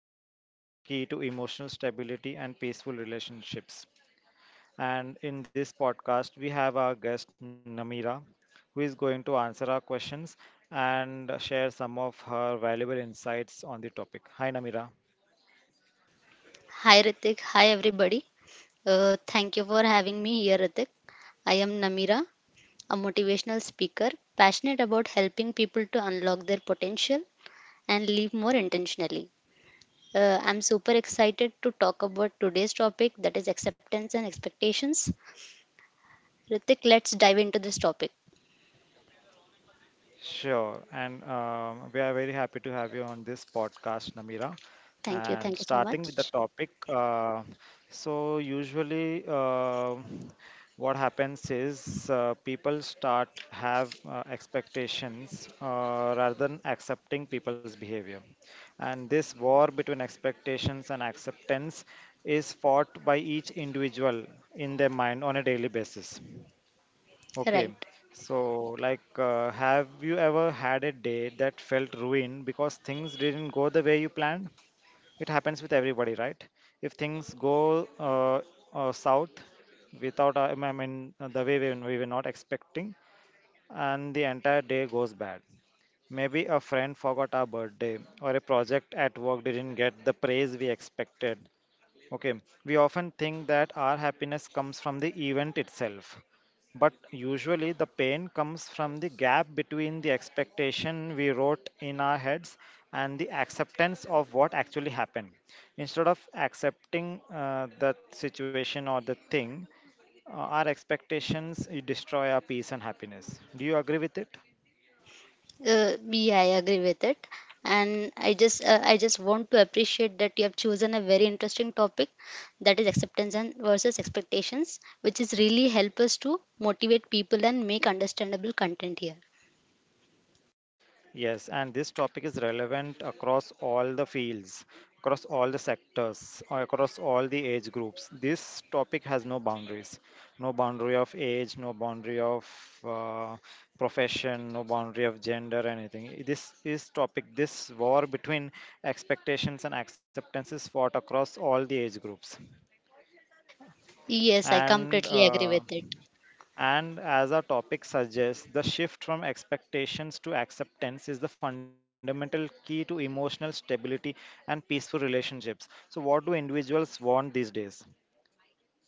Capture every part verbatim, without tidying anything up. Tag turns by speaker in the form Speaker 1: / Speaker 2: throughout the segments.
Speaker 1: the fundamental key to emotional stability and peaceful relationships. And in this podcast we have our guest Namira who is going to answer our questions and share some of her valuable insights on the topic. Hi Namira.
Speaker 2: Hi Ritik, hi everybody. Uh, thank you for having me here, Ritik. I am Namira, a motivational speaker passionate about helping people to unlock their potential and live more intentionally. Uh, I'm super excited to talk about today's topic that is acceptance and expectations. Ritik, let's dive into this topic.
Speaker 1: Sure. And um, we are very happy to have you on this podcast, Namira.
Speaker 2: Thank you,
Speaker 1: And
Speaker 2: thank you so
Speaker 1: starting with the
Speaker 2: much.
Speaker 1: topic, uh, so usually uh, what happens is uh, people start have uh, expectations uh, rather than accepting people's behavior. And this war between expectations and acceptance is fought by each individual in their mind on a daily basis. Okay,
Speaker 2: Right.
Speaker 1: so, like, uh, have you ever had a day that felt ruined because things didn't go the way you planned? It happens with everybody, right? If things go uh, uh, south without, uh, I mean, uh, the way we, we were not expecting, and the entire day goes bad. Maybe a friend forgot our birthday, or a project at work didn't get the praise we expected. Okay, we often think that our happiness comes from the event itself, but usually the pain comes from the gap between the expectation we wrote in our heads and the acceptance of what actually happened. Instead of accepting uh, the situation or the thing, uh, our expectations you destroy our peace and happiness. Do you agree with it?
Speaker 2: Uh, yeah, I agree with it. And I just uh, I just want to appreciate that you have chosen a very interesting topic that is acceptance and versus expectations, which is really help us to motivate people and make understandable content here.
Speaker 1: Yes, and this topic is relevant across all the fields, across all the sectors, or across all the age groups. This topic has no boundaries, no boundary of age, no boundary of uh, profession, no boundary of gender, anything. This is topic, this war between expectations and acceptance is fought across all the age groups.
Speaker 2: Yes, I
Speaker 1: And
Speaker 2: completely agree
Speaker 1: uh,
Speaker 2: with it.
Speaker 1: And as our topic suggests, the shift from expectations to acceptance is the fundamental key to emotional stability and peaceful relationships. So, what do individuals want these days?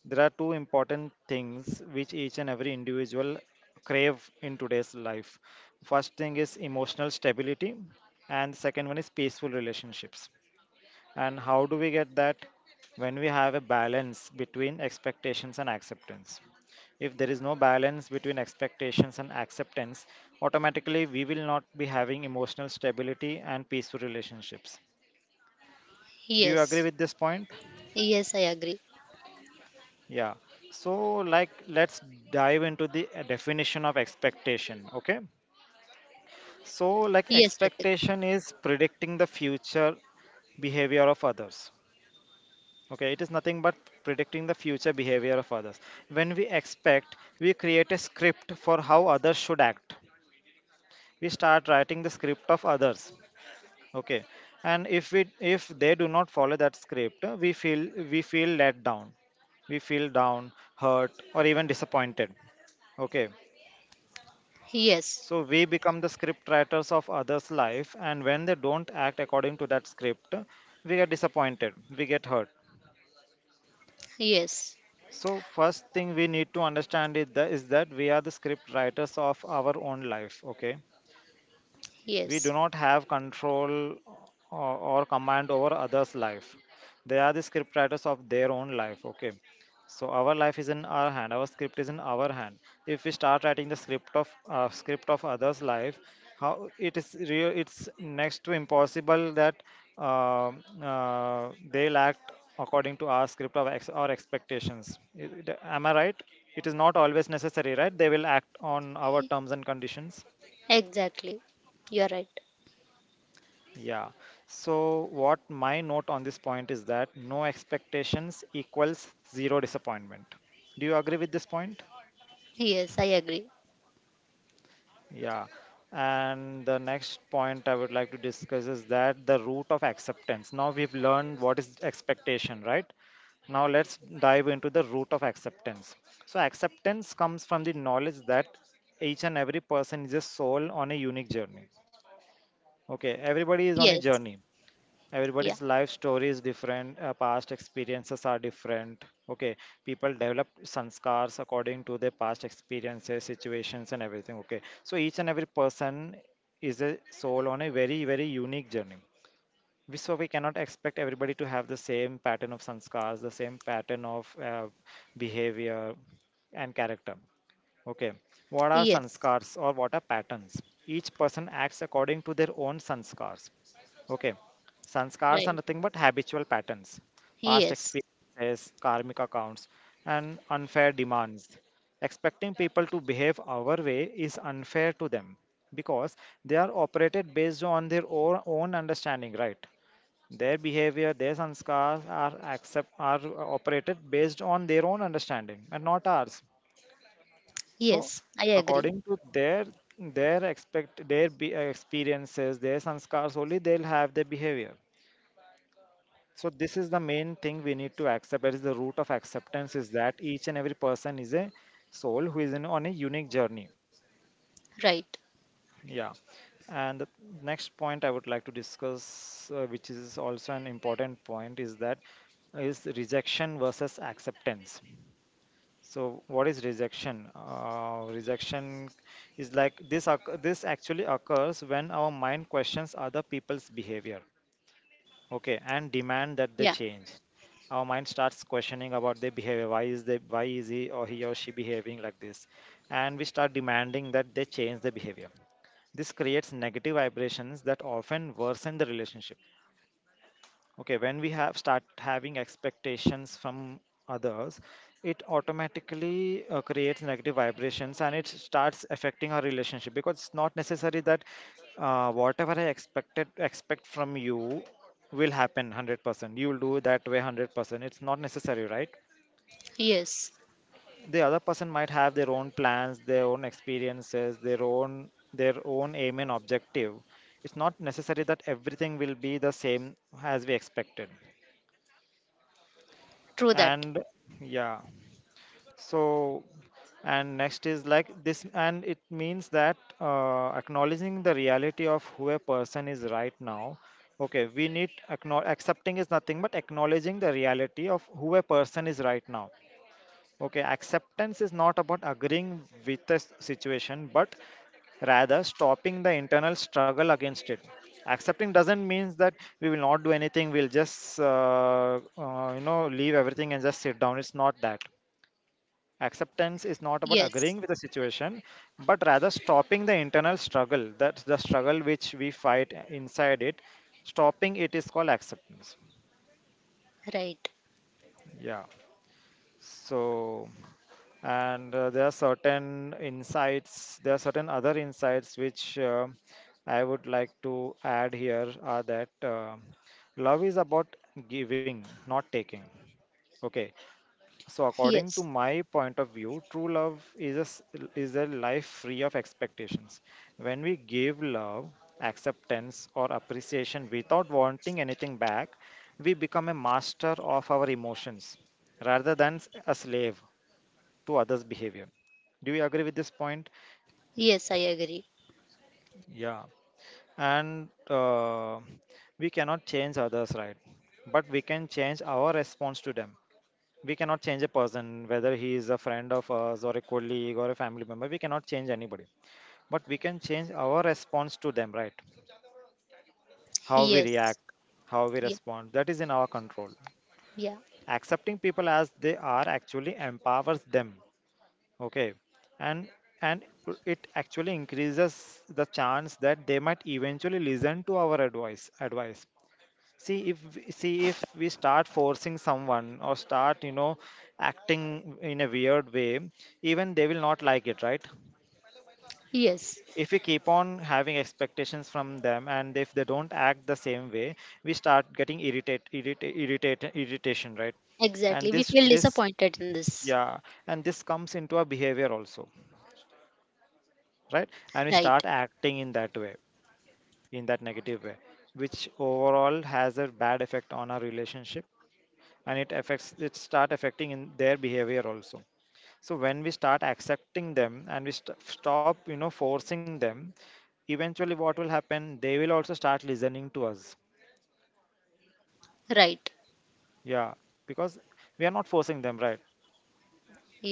Speaker 1: There are two important things which each and every individual crave in today's life. First thing is emotional stability, and second one is peaceful relationships. And how do we get that? When we have a balance between expectations and acceptance. If there is no balance between expectations and acceptance, automatically we will not be having emotional stability and peaceful relationships. Do you agree
Speaker 2: Yes.
Speaker 1: with this point?
Speaker 2: Yes, I agree.
Speaker 1: Yeah. So, like, let's dive into the uh, definition of expectation. Okay. So, like,
Speaker 2: Yes, Ritik.
Speaker 1: expectation is predicting the future behavior of others. Okay, it is nothing but predicting the future behavior of others. When we expect, we create a script for how others should act. We start writing the script of others. Okay, and if we if they do not follow that script, uh, we feel we feel let down. We feel down, hurt, or even disappointed. Okay,
Speaker 2: Yes.
Speaker 1: so we become the script writers of others' life, and when they don't act according to that script, we get disappointed. We get hurt.
Speaker 2: Yes.
Speaker 1: So first thing we need to understand is that, is that we are the script writers of our own lives. Okay, we do
Speaker 2: Yes.
Speaker 1: not have control or, or command over others' life. They are the script writers of their own life. Okay. So our life is in our hand. Our script is in our hand. If we start writing the script of uh, script of others' life, how it is real, it's next to impossible that uh, uh, they'll act according to our script of ex- or expectations. I- it- Am I right? It is not always necessary, right? They will act on our terms and conditions.
Speaker 2: Exactly. You're right.
Speaker 1: Yeah. So, what my note on this point is that no expectations equals zero disappointment. Do you agree with this point?
Speaker 2: Yes, I agree.
Speaker 1: Yeah. And the next point I would like to discuss is that the root of acceptance. Now we've learned what is expectation, right? Now let's dive into the root of acceptance. So, acceptance comes from the knowledge that each and every person is a soul on a unique journey. Okay, everybody is on a
Speaker 2: Yes.
Speaker 1: journey.
Speaker 2: Yeah.
Speaker 1: Everybody's life story is different, uh, past experiences are different. Okay, people develop sanskars according to their past experiences, situations and everything. Okay, so each and every person is a soul on a very, very unique journey. We, so we cannot expect everybody to have the same pattern of sanskars, the same pattern of uh, behavior and character. Okay, what are
Speaker 2: Yes.
Speaker 1: sanskars or what are patterns? Each person acts according to their own sanskars. Okay, sanskars are
Speaker 2: Right.
Speaker 1: nothing but habitual patterns, past
Speaker 2: Yes.
Speaker 1: experiences, karmic accounts, and unfair demands. Expecting people to behave our way is unfair to them because they are operated based on their own, own understanding, right? Their behavior, their sanskars are accept are operated based on their own understanding and not ours. So,
Speaker 2: Yes, I agree.
Speaker 1: according to their their expect their be, uh, experiences, their sanskars only they'll have their behavior. So this is the main thing we need to accept. That is the root of acceptance is that each and every person is a soul who is in, on a unique journey.
Speaker 2: Right.
Speaker 1: Yeah. And the next point I would like to discuss, uh, which is also an important point, is that is rejection versus acceptance. So what is rejection? Uh, rejection is like this. occ- This actually occurs when our mind questions other people's behavior, okay, and demand that they
Speaker 2: Yeah.
Speaker 1: change. Our mind starts questioning about their behavior. Why is they? Why is he or he or she behaving like this? And we start demanding that they change their behavior. This creates negative vibrations that often worsen the relationship. Okay, when we have start having expectations from others, it automatically uh, creates negative vibrations and it starts affecting our relationship because it's not necessary that uh, whatever I expected expect from you will happen one hundred percent. You will do that way one hundred percent. It's not necessary, right?
Speaker 2: Yes,
Speaker 1: The other person might have their own plans, their own experiences, their own their own aim and objective. It's not necessary that everything will be the same as we expected.
Speaker 2: true that.
Speaker 1: And yeah, so, and next is like this and it means that uh, acknowledging the reality of who a person is right now. Okay, we need acknow- accepting is nothing but acknowledging the reality of who a person is right now. Okay, acceptance is not about agreeing with the s- situation, but rather stopping the internal struggle against it. Accepting doesn't mean that we will not do anything. We'll just, uh, uh, you know, leave everything and just sit down. It's not that. Acceptance is not about
Speaker 2: Yes,
Speaker 1: agreeing with the situation, but rather stopping the internal struggle. That's the struggle which we fight inside it. Stopping it is called acceptance.
Speaker 2: right.
Speaker 1: Yeah. So, and uh, there are certain insights, there are certain other insights which uh, I would like to add here are that uh, love is about giving, not taking. Okay. So, according to
Speaker 2: Yes,
Speaker 1: my point of view, true love is a, s- is a life free of expectations. When we give love, acceptance, or appreciation without wanting anything back, we become a master of our emotions rather than s- a slave to others' behavior. Do you agree with this point?
Speaker 2: yes, I agree.
Speaker 1: Yeah. And uh, we cannot change others, right? But we can change our response to them. We cannot change a person whether he is a friend of us or a colleague or a family member. We cannot change anybody, but we can change our response to them, right? How we
Speaker 2: Yes,
Speaker 1: react, how we
Speaker 2: yeah,
Speaker 1: respond, that is in our control.
Speaker 2: yeah,
Speaker 1: Accepting people as they are actually empowers them. Okay, and and it actually increases the chance that they might eventually listen to our advice advice see if w- see if we start forcing someone or start, you know, acting in a weird way, even they will not like it, right?
Speaker 2: yes,
Speaker 1: If we keep on having expectations from them and if they don't act the same way, we start getting irritate irritate, irritate irritation, right? and
Speaker 2: exactly. We
Speaker 1: this
Speaker 2: feel
Speaker 1: this
Speaker 2: disappointed in this.
Speaker 1: yeah, and this comes into our behavior also, right? And we
Speaker 2: Right,
Speaker 1: start acting in that way, in that negative way, which overall has a bad effect on our relationship. And it affects it start affecting in their behavior also. So when we start accepting them and we st- stop, you know, forcing them, eventually what will happen, they will also start listening to us.
Speaker 2: right.
Speaker 1: Yeah, because we are not forcing them, right?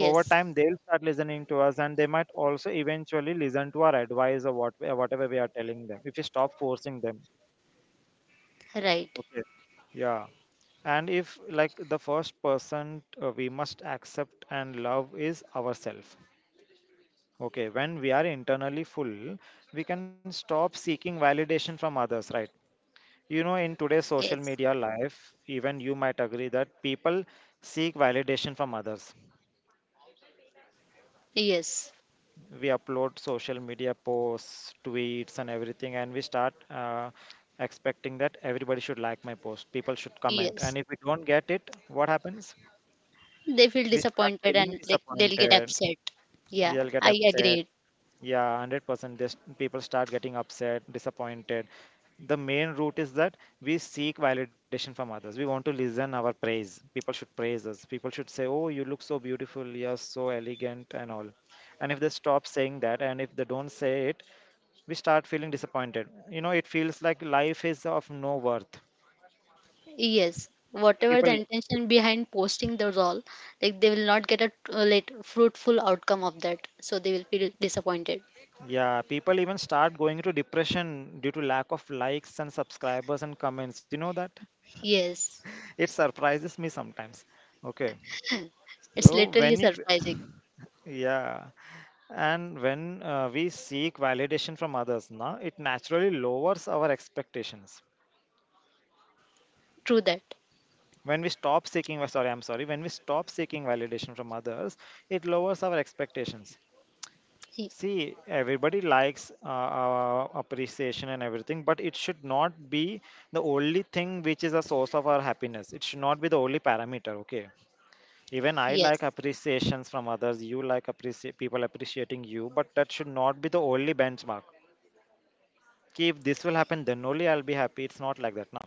Speaker 1: Over time they'll start listening to us and they might also eventually listen to our advice or what whatever we are telling them if we stop forcing them.
Speaker 2: right.
Speaker 1: Okay. Yeah. And if, like, the first person uh, we must accept and love is ourselves. Okay, when we are internally full, we can stop seeking validation from others, right? You know, in today's social
Speaker 2: Yes,
Speaker 1: media life, even you might agree that people seek validation from others.
Speaker 2: yes,
Speaker 1: We upload social media posts, tweets, and everything, and we start uh, expecting that everybody should like my post, people should comment.
Speaker 2: yes.
Speaker 1: And if we don't get it, what happens?
Speaker 2: They feel
Speaker 1: We start
Speaker 2: disappointed
Speaker 1: feeling
Speaker 2: and like they'll get
Speaker 1: disappointed,
Speaker 2: upset. Yeah,
Speaker 1: you'll get
Speaker 2: I
Speaker 1: upset.
Speaker 2: agree.
Speaker 1: Yeah, one hundred percent. This, people start getting upset, disappointed. The main root is that we seek validation from others. We want to listen our praise. People should praise us. People should say, "Oh, you look so beautiful. You're so elegant," and all. And if they stop saying that, and if they don't say it, we start feeling disappointed. You know, it feels like life is of no worth.
Speaker 2: Yes, whatever the
Speaker 1: People, e-,
Speaker 2: intention behind posting those all, like they will not get a uh, like fruitful outcome of that, so they will feel disappointed.
Speaker 1: yeah, people even start going into depression due to lack of likes and subscribers and comments. You know that?
Speaker 2: Yes,
Speaker 1: It surprises me sometimes. Okay.
Speaker 2: it's
Speaker 1: So
Speaker 2: literally
Speaker 1: when you,
Speaker 2: surprising.
Speaker 1: yeah, and when uh, we seek validation from others, na, it naturally lowers our expectations.
Speaker 2: True that.
Speaker 1: When we stop seeking, sorry, I'm sorry, when we stop seeking validation from others, it lowers our expectations.
Speaker 2: Y-
Speaker 1: See, everybody likes uh, uh, appreciation and everything, but it should not be the only thing which is a source of our happiness. It should not be the only parameter, okay? Even I
Speaker 2: Yes,
Speaker 1: like appreciations from others. You like appreciate people appreciating you, but that should not be the only benchmark. Ki if this will happen then only I'll be happy, it's not like that. Now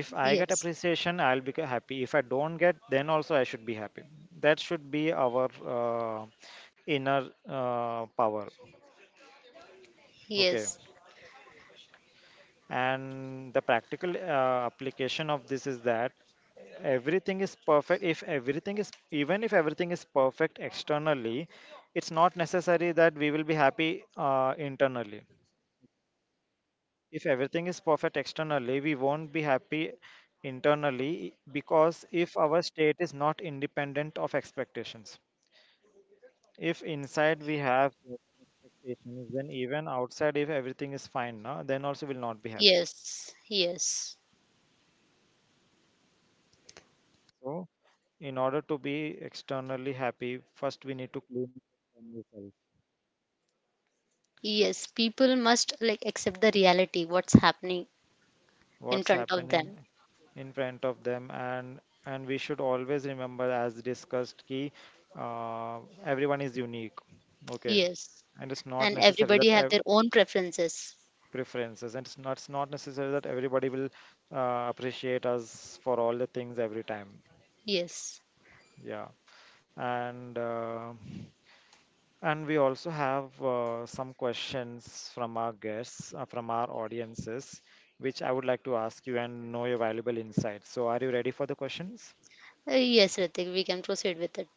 Speaker 1: if I get
Speaker 2: yes,
Speaker 1: appreciation I'll be happy, if I don't get then also I should be happy. That should be our uh, inner uh, power. Okay.
Speaker 2: yes,
Speaker 1: And the practical uh, application of this is that everything is perfect if everything is even if everything is perfect externally, it's not necessary that we will be happy uh, internally. If everything is perfect externally, we won't be happy internally, because if our state is not independent of expectations, if inside we have expectations, then even outside if everything is fine now, then also we'll not be happy.
Speaker 2: yes, yes,
Speaker 1: So in order to be externally happy, first we need to clean from ourselves.
Speaker 2: yes. People must like accept the reality, what's happening in
Speaker 1: What's
Speaker 2: front of
Speaker 1: happening
Speaker 2: them.
Speaker 1: in front of them, and and we should always remember, as discussed, key uh, everyone is unique. Okay.
Speaker 2: Yes,
Speaker 1: and it's not
Speaker 2: and
Speaker 1: necessary
Speaker 2: everybody
Speaker 1: that
Speaker 2: have
Speaker 1: ev-
Speaker 2: their own preferences.
Speaker 1: Preferences, and it's not, it's not necessary that everybody will uh, appreciate us for all the things every time.
Speaker 2: Yes,
Speaker 1: Yeah. And uh, and we also have uh, some questions from our guests, uh, from our audiences, which I would like to ask you and know your valuable insights. So, are you ready for the questions?
Speaker 2: Uh, yes, Ritik, we can proceed with it.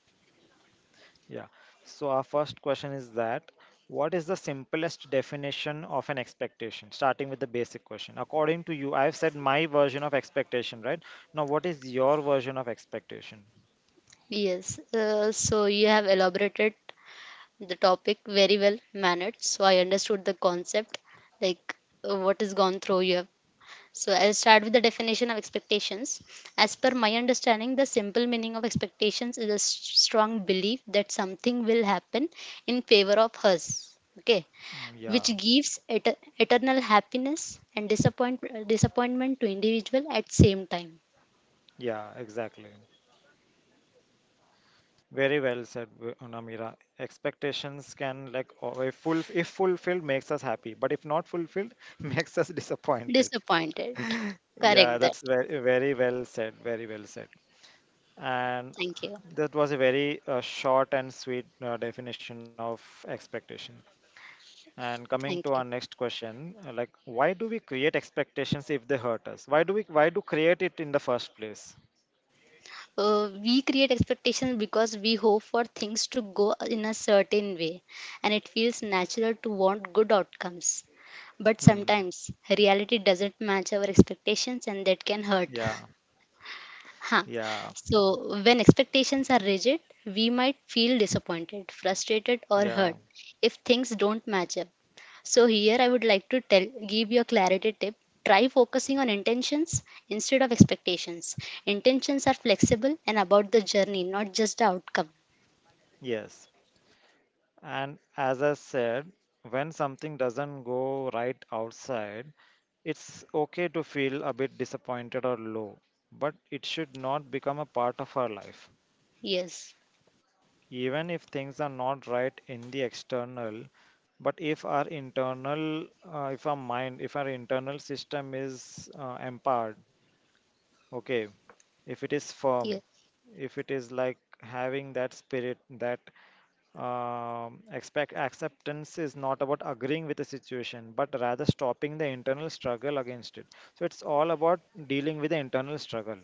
Speaker 1: Yeah. So, our first question is that what is the simplest definition of an expectation? Starting with the basic question. According to you, I've said my version of expectation, right? Now, what is your version of expectation?
Speaker 2: Yes, uh, so you have elaborated the topic very well mannered. So I understood the concept, like uh, what is gone through you have. So, I'll start with the definition of expectations. As per my understanding, the simple meaning of expectations is a s- strong belief that something will happen in favor of us, okay,
Speaker 1: Uh,
Speaker 2: which
Speaker 1: Yeah.
Speaker 2: gives et- eternal happiness and disappoint- disappointment to individual at same time.
Speaker 1: Yeah, exactly. Very well said, w- Namira. Expectations can like o- if full if fulfilled makes us happy, but if not fulfilled, makes us disappointed.
Speaker 2: Disappointed.
Speaker 1: Yeah,
Speaker 2: Correct that.
Speaker 1: that's very very well said. Very well said. And
Speaker 2: Thank you.
Speaker 1: that was a very uh, short and sweet uh, definition of expectation. And coming
Speaker 2: Thank
Speaker 1: to
Speaker 2: you.
Speaker 1: our next question, uh, like why do we create expectations if they hurt us? Why do we why do create it in the first place?
Speaker 2: Uh, we create expectations because we hope for things to go in a certain way, and it feels natural to want good outcomes. But
Speaker 1: Hmm.
Speaker 2: sometimes reality doesn't match our expectations and that can hurt.
Speaker 1: Yeah.
Speaker 2: Huh.
Speaker 1: Yeah.
Speaker 2: So, when expectations are rigid, we might feel disappointed, frustrated, or hurt
Speaker 1: Yeah.
Speaker 2: if things don't match up. So, here I would like to tell give you a clarity tip. Try focusing on intentions instead of expectations. Intentions are flexible and about the journey, not just the outcome.
Speaker 1: Yes. And as I said, when something doesn't go right outside, it's okay to feel a bit disappointed or low, but it should not become a part of our life.
Speaker 2: Yes,
Speaker 1: Even if things are not right in the external, but if our internal, uh, if our mind, if our internal system is uh, empowered, okay, if it
Speaker 2: yeah,
Speaker 1: is firm, if it is like having that spirit, that um, expect acceptance is not about agreeing with the situation, but rather stopping the internal struggle against it. So it's all about dealing with the internal struggle.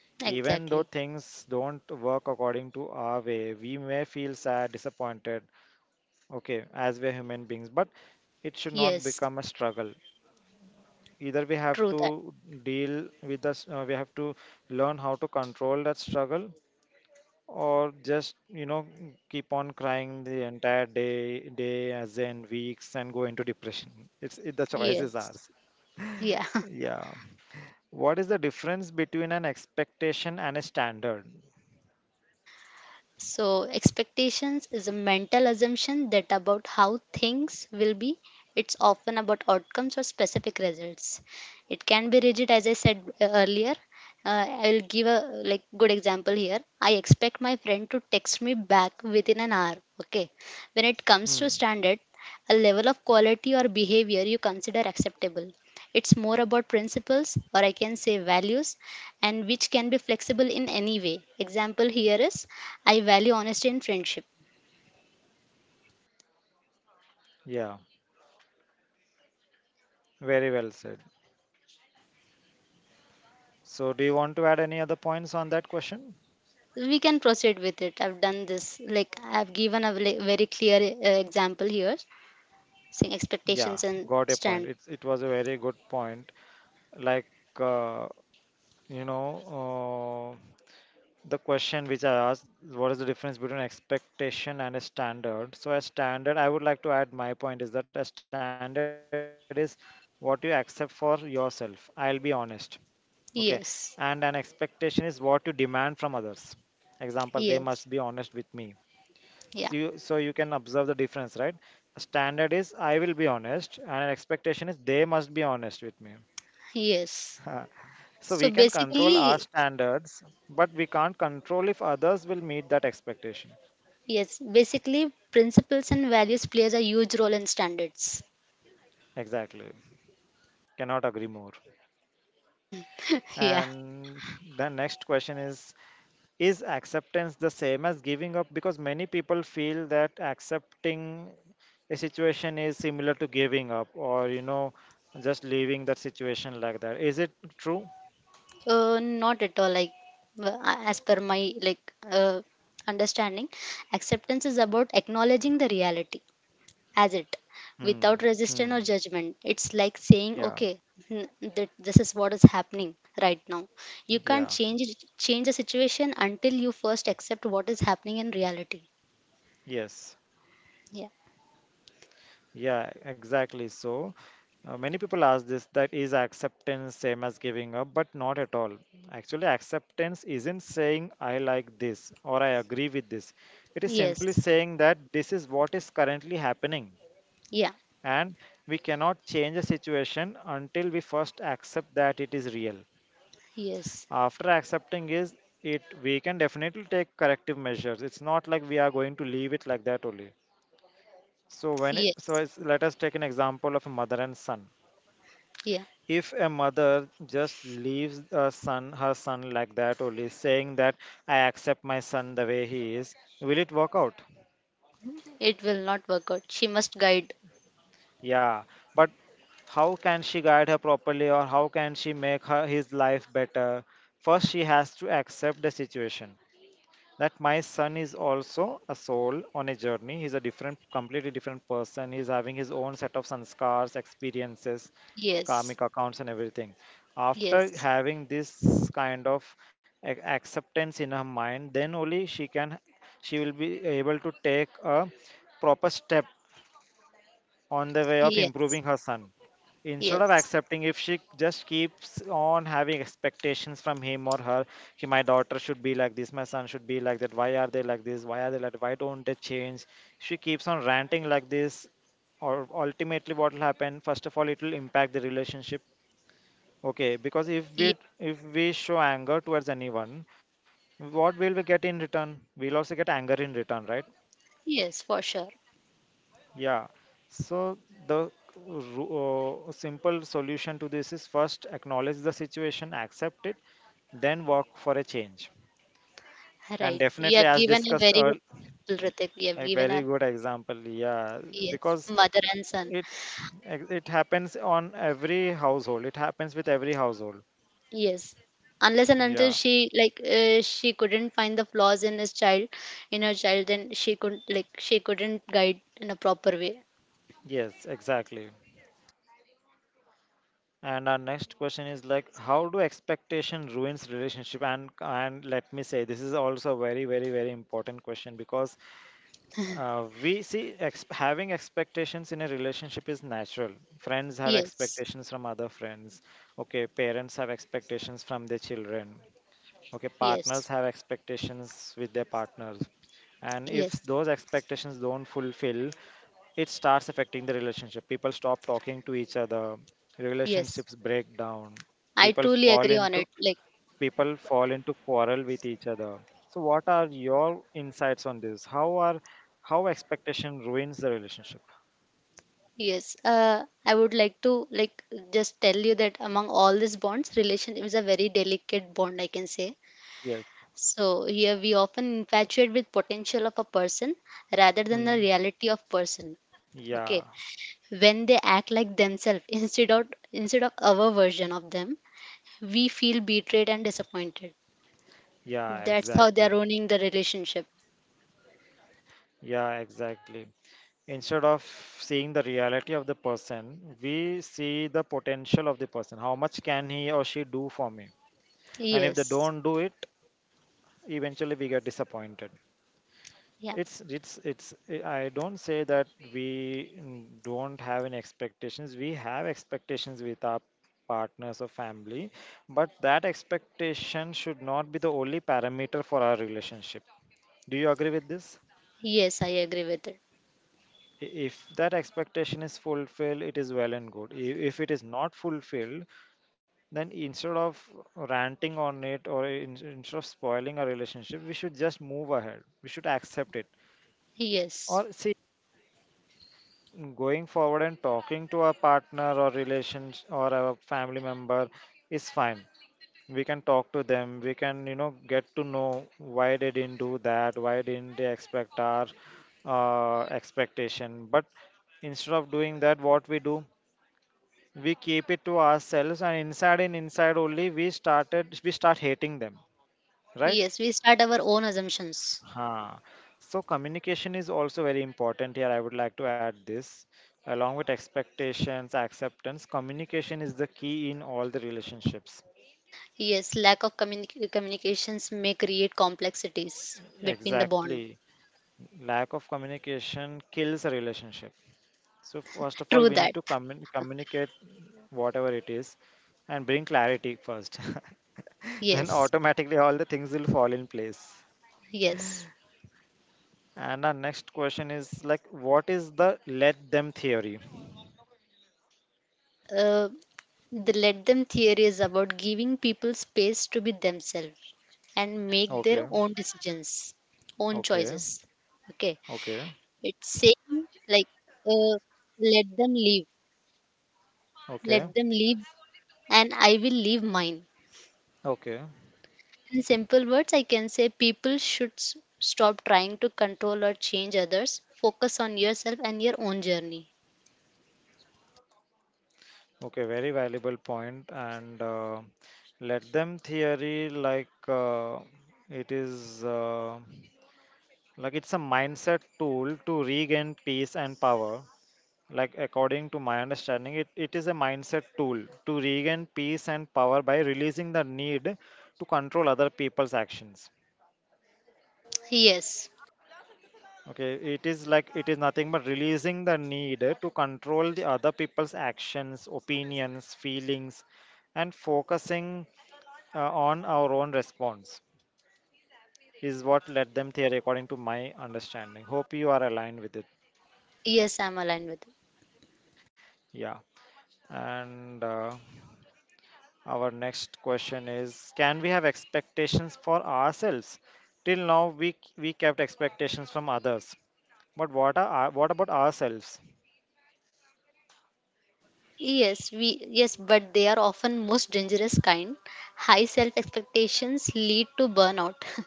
Speaker 2: exactly.
Speaker 1: Even though things don't work according to our way, we may feel sad, disappointed, okay, as we're human beings, but it should not
Speaker 2: Yes,
Speaker 1: become a struggle. Either we have
Speaker 2: true that.
Speaker 1: to deal with this, uh, we have to learn how to control that struggle, or just you know keep on crying the entire day day as in weeks and go into depression. it's it, the choice is
Speaker 2: Yes,
Speaker 1: ours.
Speaker 2: yeah.
Speaker 1: Yeah. What is the difference between an expectation and a standard?
Speaker 2: So, expectations is a mental assumption that about how things will be. It's often about outcomes or specific results. It can be rigid, as I said uh, earlier. Uh, I'll give a like good example here. I expect my friend to text me back within an hour. Okay. When it comes to
Speaker 1: Hmm.
Speaker 2: standard, a level of quality or behavior you consider acceptable. It's more about principles, or I can say values, and which can be flexible in any way. Example here is I value honesty in friendship.
Speaker 1: Yeah, very well said. So do you want to add any other points on that question?
Speaker 2: We can proceed with it. I've done this. Like I've given a vle- very clear uh, example here, saying
Speaker 1: Yeah,
Speaker 2: expectations
Speaker 1: got a
Speaker 2: and
Speaker 1: point. It's
Speaker 2: stand.
Speaker 1: it was a very good point. Like, uh, you know, uh, the question which I asked, what is the difference between expectation and a standard? So a standard, I would like to add my point is that a standard is what you accept for yourself. I'll be honest. Okay. And an
Speaker 2: Yes.
Speaker 1: expectation is what you demand from others. Example, they must be
Speaker 2: Yes.
Speaker 1: honest with me. so
Speaker 2: Yeah.
Speaker 1: you, so you can observe the difference, right? A standard is I will be honest, and an expectation is they must be honest with me.
Speaker 2: Yes.
Speaker 1: So
Speaker 2: So
Speaker 1: we can control
Speaker 2: basically,
Speaker 1: our standards, but we can't control if others will meet that expectation.
Speaker 2: yes, basically principles and values plays a huge role in standards.
Speaker 1: Exactly. Cannot agree more.
Speaker 2: Yeah.
Speaker 1: And the next question is Is acceptance the same as giving up? Because many people feel that accepting a situation is similar to giving up or, you know, just leaving that situation like that. Is it true?
Speaker 2: Uh, not at all. Like uh, as per my like uh, understanding, acceptance is about acknowledging the reality as it
Speaker 1: Hmm.
Speaker 2: without resistance or
Speaker 1: Hmm.
Speaker 2: judgment. It's like saying,
Speaker 1: Yeah.
Speaker 2: okay, n- that this is what is happening right now. You can't
Speaker 1: Yeah.
Speaker 2: change it- change the situation until you first accept what is happening in reality.
Speaker 1: Yes.
Speaker 2: Yeah.
Speaker 1: Yeah, exactly. So, uh, many people ask this, that is acceptance same as giving up, but not at all. Actually, acceptance isn't saying I like this or I agree with this. It is simply
Speaker 2: Yes.
Speaker 1: saying that this is what is currently happening,
Speaker 2: Yeah.
Speaker 1: and we cannot change a situation until we first accept that it is real.
Speaker 2: Yes.
Speaker 1: After accepting is it, we can definitely take corrective measures. It's not like we are going to leave it like that only. So when it, so
Speaker 2: Yes.
Speaker 1: it's, let us take an example of a mother and son
Speaker 2: Yeah.
Speaker 1: if a mother just leaves a son her son like that only, saying that I accept my son the way he is, will it work out?
Speaker 2: It will not work out. She must guide.
Speaker 1: Yeah, but how can she guide her properly, or how can she make her his life better? First she has to accept the situation that my son is also a soul on a journey. He's a different, completely different person. He's having his own set of sanskars, experiences, karmic
Speaker 2: Yes.
Speaker 1: accounts, and everything. After
Speaker 2: Yes.
Speaker 1: having this kind of a- acceptance in her mind, then only she can, she will be able to take a proper step on the way of improving
Speaker 2: Yes.
Speaker 1: her son. Instead of
Speaker 2: Yes.
Speaker 1: accepting, if she just keeps on having expectations from him or her, "Ki, my daughter should be like this, my son should be like that, why are they like this, why are they like why don't they change?" She keeps on ranting like this, or ultimately what will happen, first of all, it will impact the relationship. Okay, because if we if we show anger towards anyone, what will we get in return? We'll also get anger in return, right?
Speaker 2: Yes, for sure.
Speaker 1: Yeah, so the ru- uh, simple solution to this is first acknowledge the situation, accept it, then work for a change. And
Speaker 2: Right. You
Speaker 1: definitely,
Speaker 2: have
Speaker 1: as
Speaker 2: given a
Speaker 1: discussed
Speaker 2: very
Speaker 1: earlier,
Speaker 2: well, Ritik. You
Speaker 1: a
Speaker 2: have given
Speaker 1: very
Speaker 2: a
Speaker 1: good example. Yeah,
Speaker 2: yes,
Speaker 1: because
Speaker 2: mother and son.
Speaker 1: it it happens on every household. It happens with every household.
Speaker 2: Yes. Unless and until
Speaker 1: Yeah.
Speaker 2: she like uh, she couldn't find the flaws in his child, in her child, then she couldn't like she couldn't guide in a proper way.
Speaker 1: Yes, exactly. And our next question is like, how do expectation ruins relationship? And and let me say, this is also a very, very, very important question because Uh, we see ex- having expectations in a relationship is natural. Friends have
Speaker 2: Yes.
Speaker 1: expectations from other friends. Okay, parents have expectations from their children. Okay, partners
Speaker 2: Yes.
Speaker 1: have expectations with their partners. And if
Speaker 2: Yes.
Speaker 1: those expectations don't fulfill, it starts affecting the relationship. People stop talking to each other.
Speaker 2: Yes.
Speaker 1: Relationships break down.
Speaker 2: I
Speaker 1: People
Speaker 2: truly
Speaker 1: fall
Speaker 2: agree on
Speaker 1: into
Speaker 2: it. Like
Speaker 1: people fall into quarrel with each other. So, what are your insights on this? How are how expectation ruins the relationship?
Speaker 2: yes. Uh, I would like to like just tell you that among all these bonds, relationship is a very delicate bond, I can say.
Speaker 1: Yes.
Speaker 2: So here we often infatuate with potential of a person rather than the
Speaker 1: Hmm.
Speaker 2: reality of person. Okay.
Speaker 1: Yeah.
Speaker 2: When they act like themselves instead of instead of our version of them, we feel betrayed and disappointed.
Speaker 1: Yeah.
Speaker 2: That's how they are
Speaker 1: Exactly.
Speaker 2: ruining the relationship.
Speaker 1: Yeah. Exactly. Instead of seeing the reality of the person, we see the potential of the person. How much can he or she do for me? And if they
Speaker 2: Yes.
Speaker 1: don't do it, eventually we get disappointed.
Speaker 2: Yeah.
Speaker 1: It's it's it's eh, I don't say that we n- don't have any expectations. We have expectations with our partners or family, but that expectation should not be the only parameter for our relationship. Do you agree with this?
Speaker 2: Yes, I agree with it.
Speaker 1: I- If that expectation is fulfilled, it is well and good. I- If it is not fulfilled, then instead of ranting on it or in, instead of spoiling our relationship, we should just move ahead. We should accept it.
Speaker 2: Yes.
Speaker 1: Or see, going forward and talking to our partner or relations or our family member is fine. We can talk to them. We can, you know, get to know why they didn't do that, why didn't they expect our uh, expectation. But instead of doing that, what we do, we keep it to ourselves, and inside and inside only we started we start hating them, right?
Speaker 2: Yes, we start our own assumptions.
Speaker 1: Huh. So communication is also very important here. I would like to add this. Along with expectations, acceptance, communication is the key in all the relationships.
Speaker 2: Yes, lack of communi communications may create complexities between the bond.
Speaker 1: Exactly. Lack of communication kills a relationship. So first of
Speaker 2: True
Speaker 1: all, we
Speaker 2: that.
Speaker 1: need to commun- communicate whatever it is and bring clarity first. Then
Speaker 2: Yes.
Speaker 1: automatically all the things will fall in place.
Speaker 2: Yes.
Speaker 1: And our next question is like, what is the let them theory?
Speaker 2: Uh, the let them theory is about giving people space to be themselves and make their
Speaker 1: Okay.
Speaker 2: own decisions, own choices.
Speaker 1: Okay.
Speaker 2: Okay,
Speaker 1: Okay.
Speaker 2: it's saying like, uh, let them live, let
Speaker 1: Okay.
Speaker 2: them live, and I will live mine.
Speaker 1: Okay,
Speaker 2: In simple words, I can say people should s- stop trying to control or change others. Focus on yourself and your own journey.
Speaker 1: okay, very valuable point, point. and uh, let them theory like uh, it is uh, like it's a mindset tool to regain peace and power. Like according to my understanding, it, it is a mindset tool to regain peace and power by releasing the need to control other people's actions.
Speaker 2: Yes,
Speaker 1: Okay, it is like it is nothing but releasing the need to control the other people's actions, opinions, feelings, and focusing uh, on our own response is what led them theory according to my understanding. Hope you are aligned with it.
Speaker 2: yes, I'm aligned with it.
Speaker 1: Yeah. And uh, our next question is, can we have expectations for ourselves? Till now we we kept expectations from others, but what are our- what about ourselves?
Speaker 2: Yes, we yes, but they are often most dangerous kind. High self expectations lead to burnout.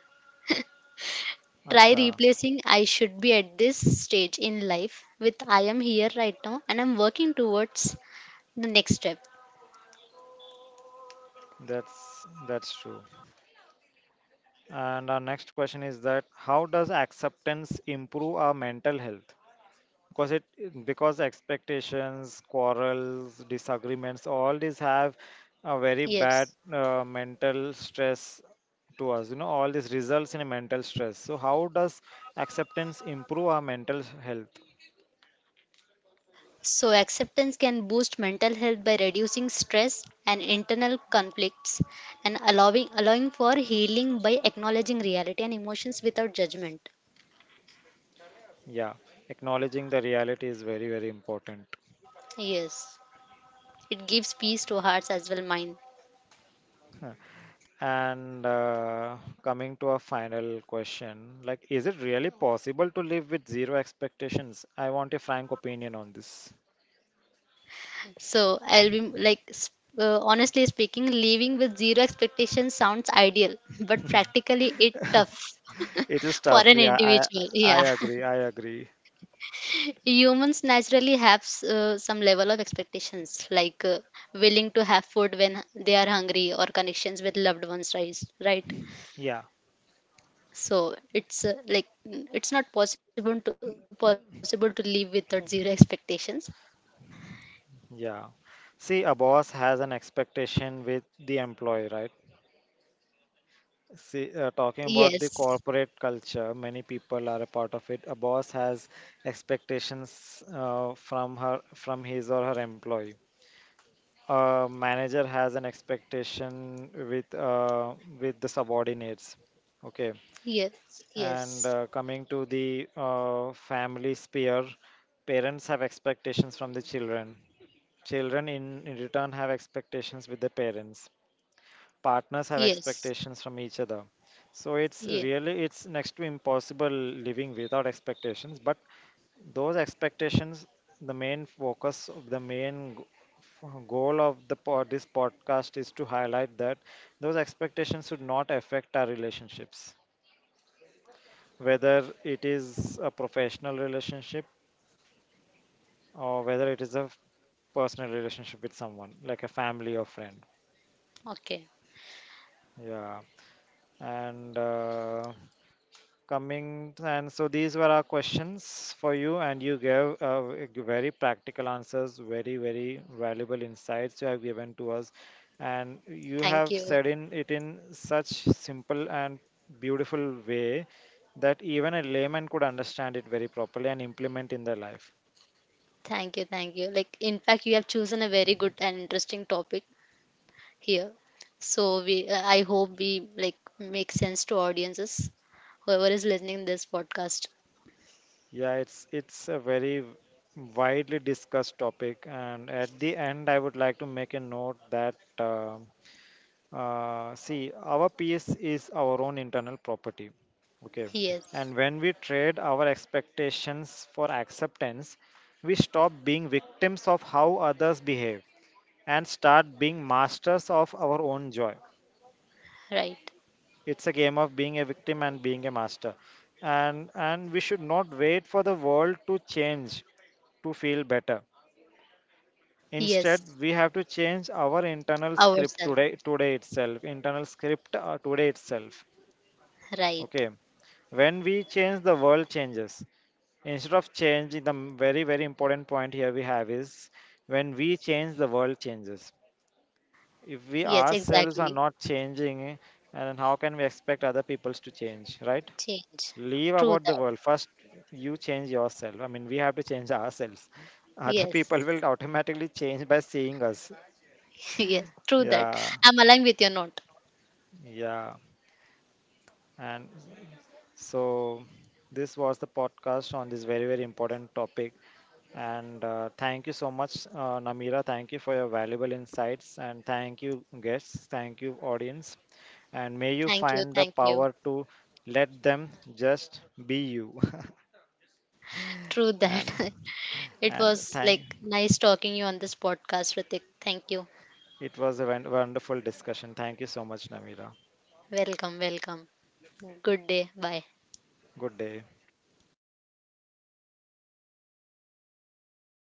Speaker 2: Try
Speaker 1: Acha,
Speaker 2: replacing I should be at this stage in life with I am here right now and I'm working towards the next step.
Speaker 1: that's that's true. And our next question is that, how does acceptance improve our mental health? Because it because expectations quarrels, disagreements, all these have a very bad
Speaker 2: Yes.
Speaker 1: uh, mental stress to us, you know, all this results in a mental stress. So how does acceptance improve our mental health?
Speaker 2: So, acceptance can boost mental health by reducing stress and internal conflicts and allowing, allowing for healing by acknowledging reality and emotions without judgment.
Speaker 1: Yeah, acknowledging the reality is very very important.
Speaker 2: Yes. It gives peace to hearts as well, mind.
Speaker 1: Huh. and uh, coming to a final question, like, is it really possible to live with zero expectations? I want a frank opinion on this.
Speaker 2: So I'll be like, s- uh, honestly speaking, living with zero expectations sounds ideal, but practically it tough
Speaker 1: It is
Speaker 2: for
Speaker 1: tough.
Speaker 2: an
Speaker 1: Yeah, I
Speaker 2: individual.
Speaker 1: I
Speaker 2: Yeah,
Speaker 1: agree. I agree.
Speaker 2: humans naturally have s- uh, some level of expectations, like uh, willing to have food when they are hungry or connections with loved ones, right? Right.
Speaker 1: Yeah,
Speaker 2: So it's uh, like mm, it's not possible to possible to live without zero expectations.
Speaker 1: yeah. See, a boss has an expectation with the employee, right? See, uh, talking about the corporate
Speaker 2: Yes.
Speaker 1: culture, many people are a part of it. A boss has expectations uh, from her, from his or her employee. A manager has an expectation with uh, with the subordinates. Okay.
Speaker 2: Yes.
Speaker 1: And uh,
Speaker 2: Yes.
Speaker 1: coming to the uh, family sphere, parents have expectations from the children. Children, in, in return, have expectations with the parents. Partners have
Speaker 2: Yes.
Speaker 1: expectations from each other. So it's
Speaker 2: Yeah.
Speaker 1: really, it's next to impossible living without expectations. But those expectations, the main focus, the main g- f- goal of the pod, this podcast is to highlight that those expectations should not affect our relationships, whether it is a professional relationship or whether it is a personal relationship with someone like a family or friend.
Speaker 2: Okay.
Speaker 1: Yeah. And uh, coming and so these were our questions for you, and you gave uh, v- g- very practical answers, very very valuable insights you have given to us, and you have
Speaker 2: Thank
Speaker 1: said
Speaker 2: you.
Speaker 1: in it in such simple and beautiful way that even a layman could understand it very properly and implement in their life.
Speaker 2: Thank you, thank you. Like, in fact, you have chosen a very good and interesting topic here. So we, uh, I hope we like make sense to audiences, whoever is listening this podcast.
Speaker 1: Yeah, it's it's a very w- widely discussed topic, and at the end, I would like to make a note that um uh, see, our peace is our own internal property. Okay,
Speaker 2: Yes,
Speaker 1: and when we trade our expectations for acceptance, we stop being victims of how others behave and start being masters of our own joy.
Speaker 2: right.
Speaker 1: It's a game of being a victim and being a master. And and we should not wait for the world to change to feel better.
Speaker 2: Yes,
Speaker 1: Instead, we have to change our internal script
Speaker 2: ourselves.
Speaker 1: today today itself. Internal script uh, today itself.
Speaker 2: Right.
Speaker 1: Okay. When we change, the world changes. Instead of change, the m- Very very important point here we have is, when we change, the world changes. If we
Speaker 2: Yes,
Speaker 1: ourselves are
Speaker 2: exactly.
Speaker 1: not changing, and how can we expect other peoples to change, right?
Speaker 2: Change.
Speaker 1: Leave
Speaker 2: True
Speaker 1: about the
Speaker 2: that.
Speaker 1: world first. You change yourself. I mean, we have to change ourselves. Other people
Speaker 2: Yes.
Speaker 1: will automatically change by seeing us.
Speaker 2: Yes, true that.
Speaker 1: Yeah,
Speaker 2: I'm aligned with your note.
Speaker 1: yeah. And so this was the podcast on this very very important topic. And uh, thank you so much, uh, Namira. Thank you for your valuable insights, and thank you guests, thank you audience, and may you
Speaker 2: Thank you,
Speaker 1: find the
Speaker 2: thank you.
Speaker 1: power to let them just be you.
Speaker 2: True
Speaker 1: and
Speaker 2: that. It
Speaker 1: and
Speaker 2: was
Speaker 1: thank
Speaker 2: like nice talking you on this podcast, Ritik. Thank you.
Speaker 1: it was a won- wonderful discussion. Thank you so much, Namira.
Speaker 2: Welcome, welcome. Good day. Bye.
Speaker 1: Good day.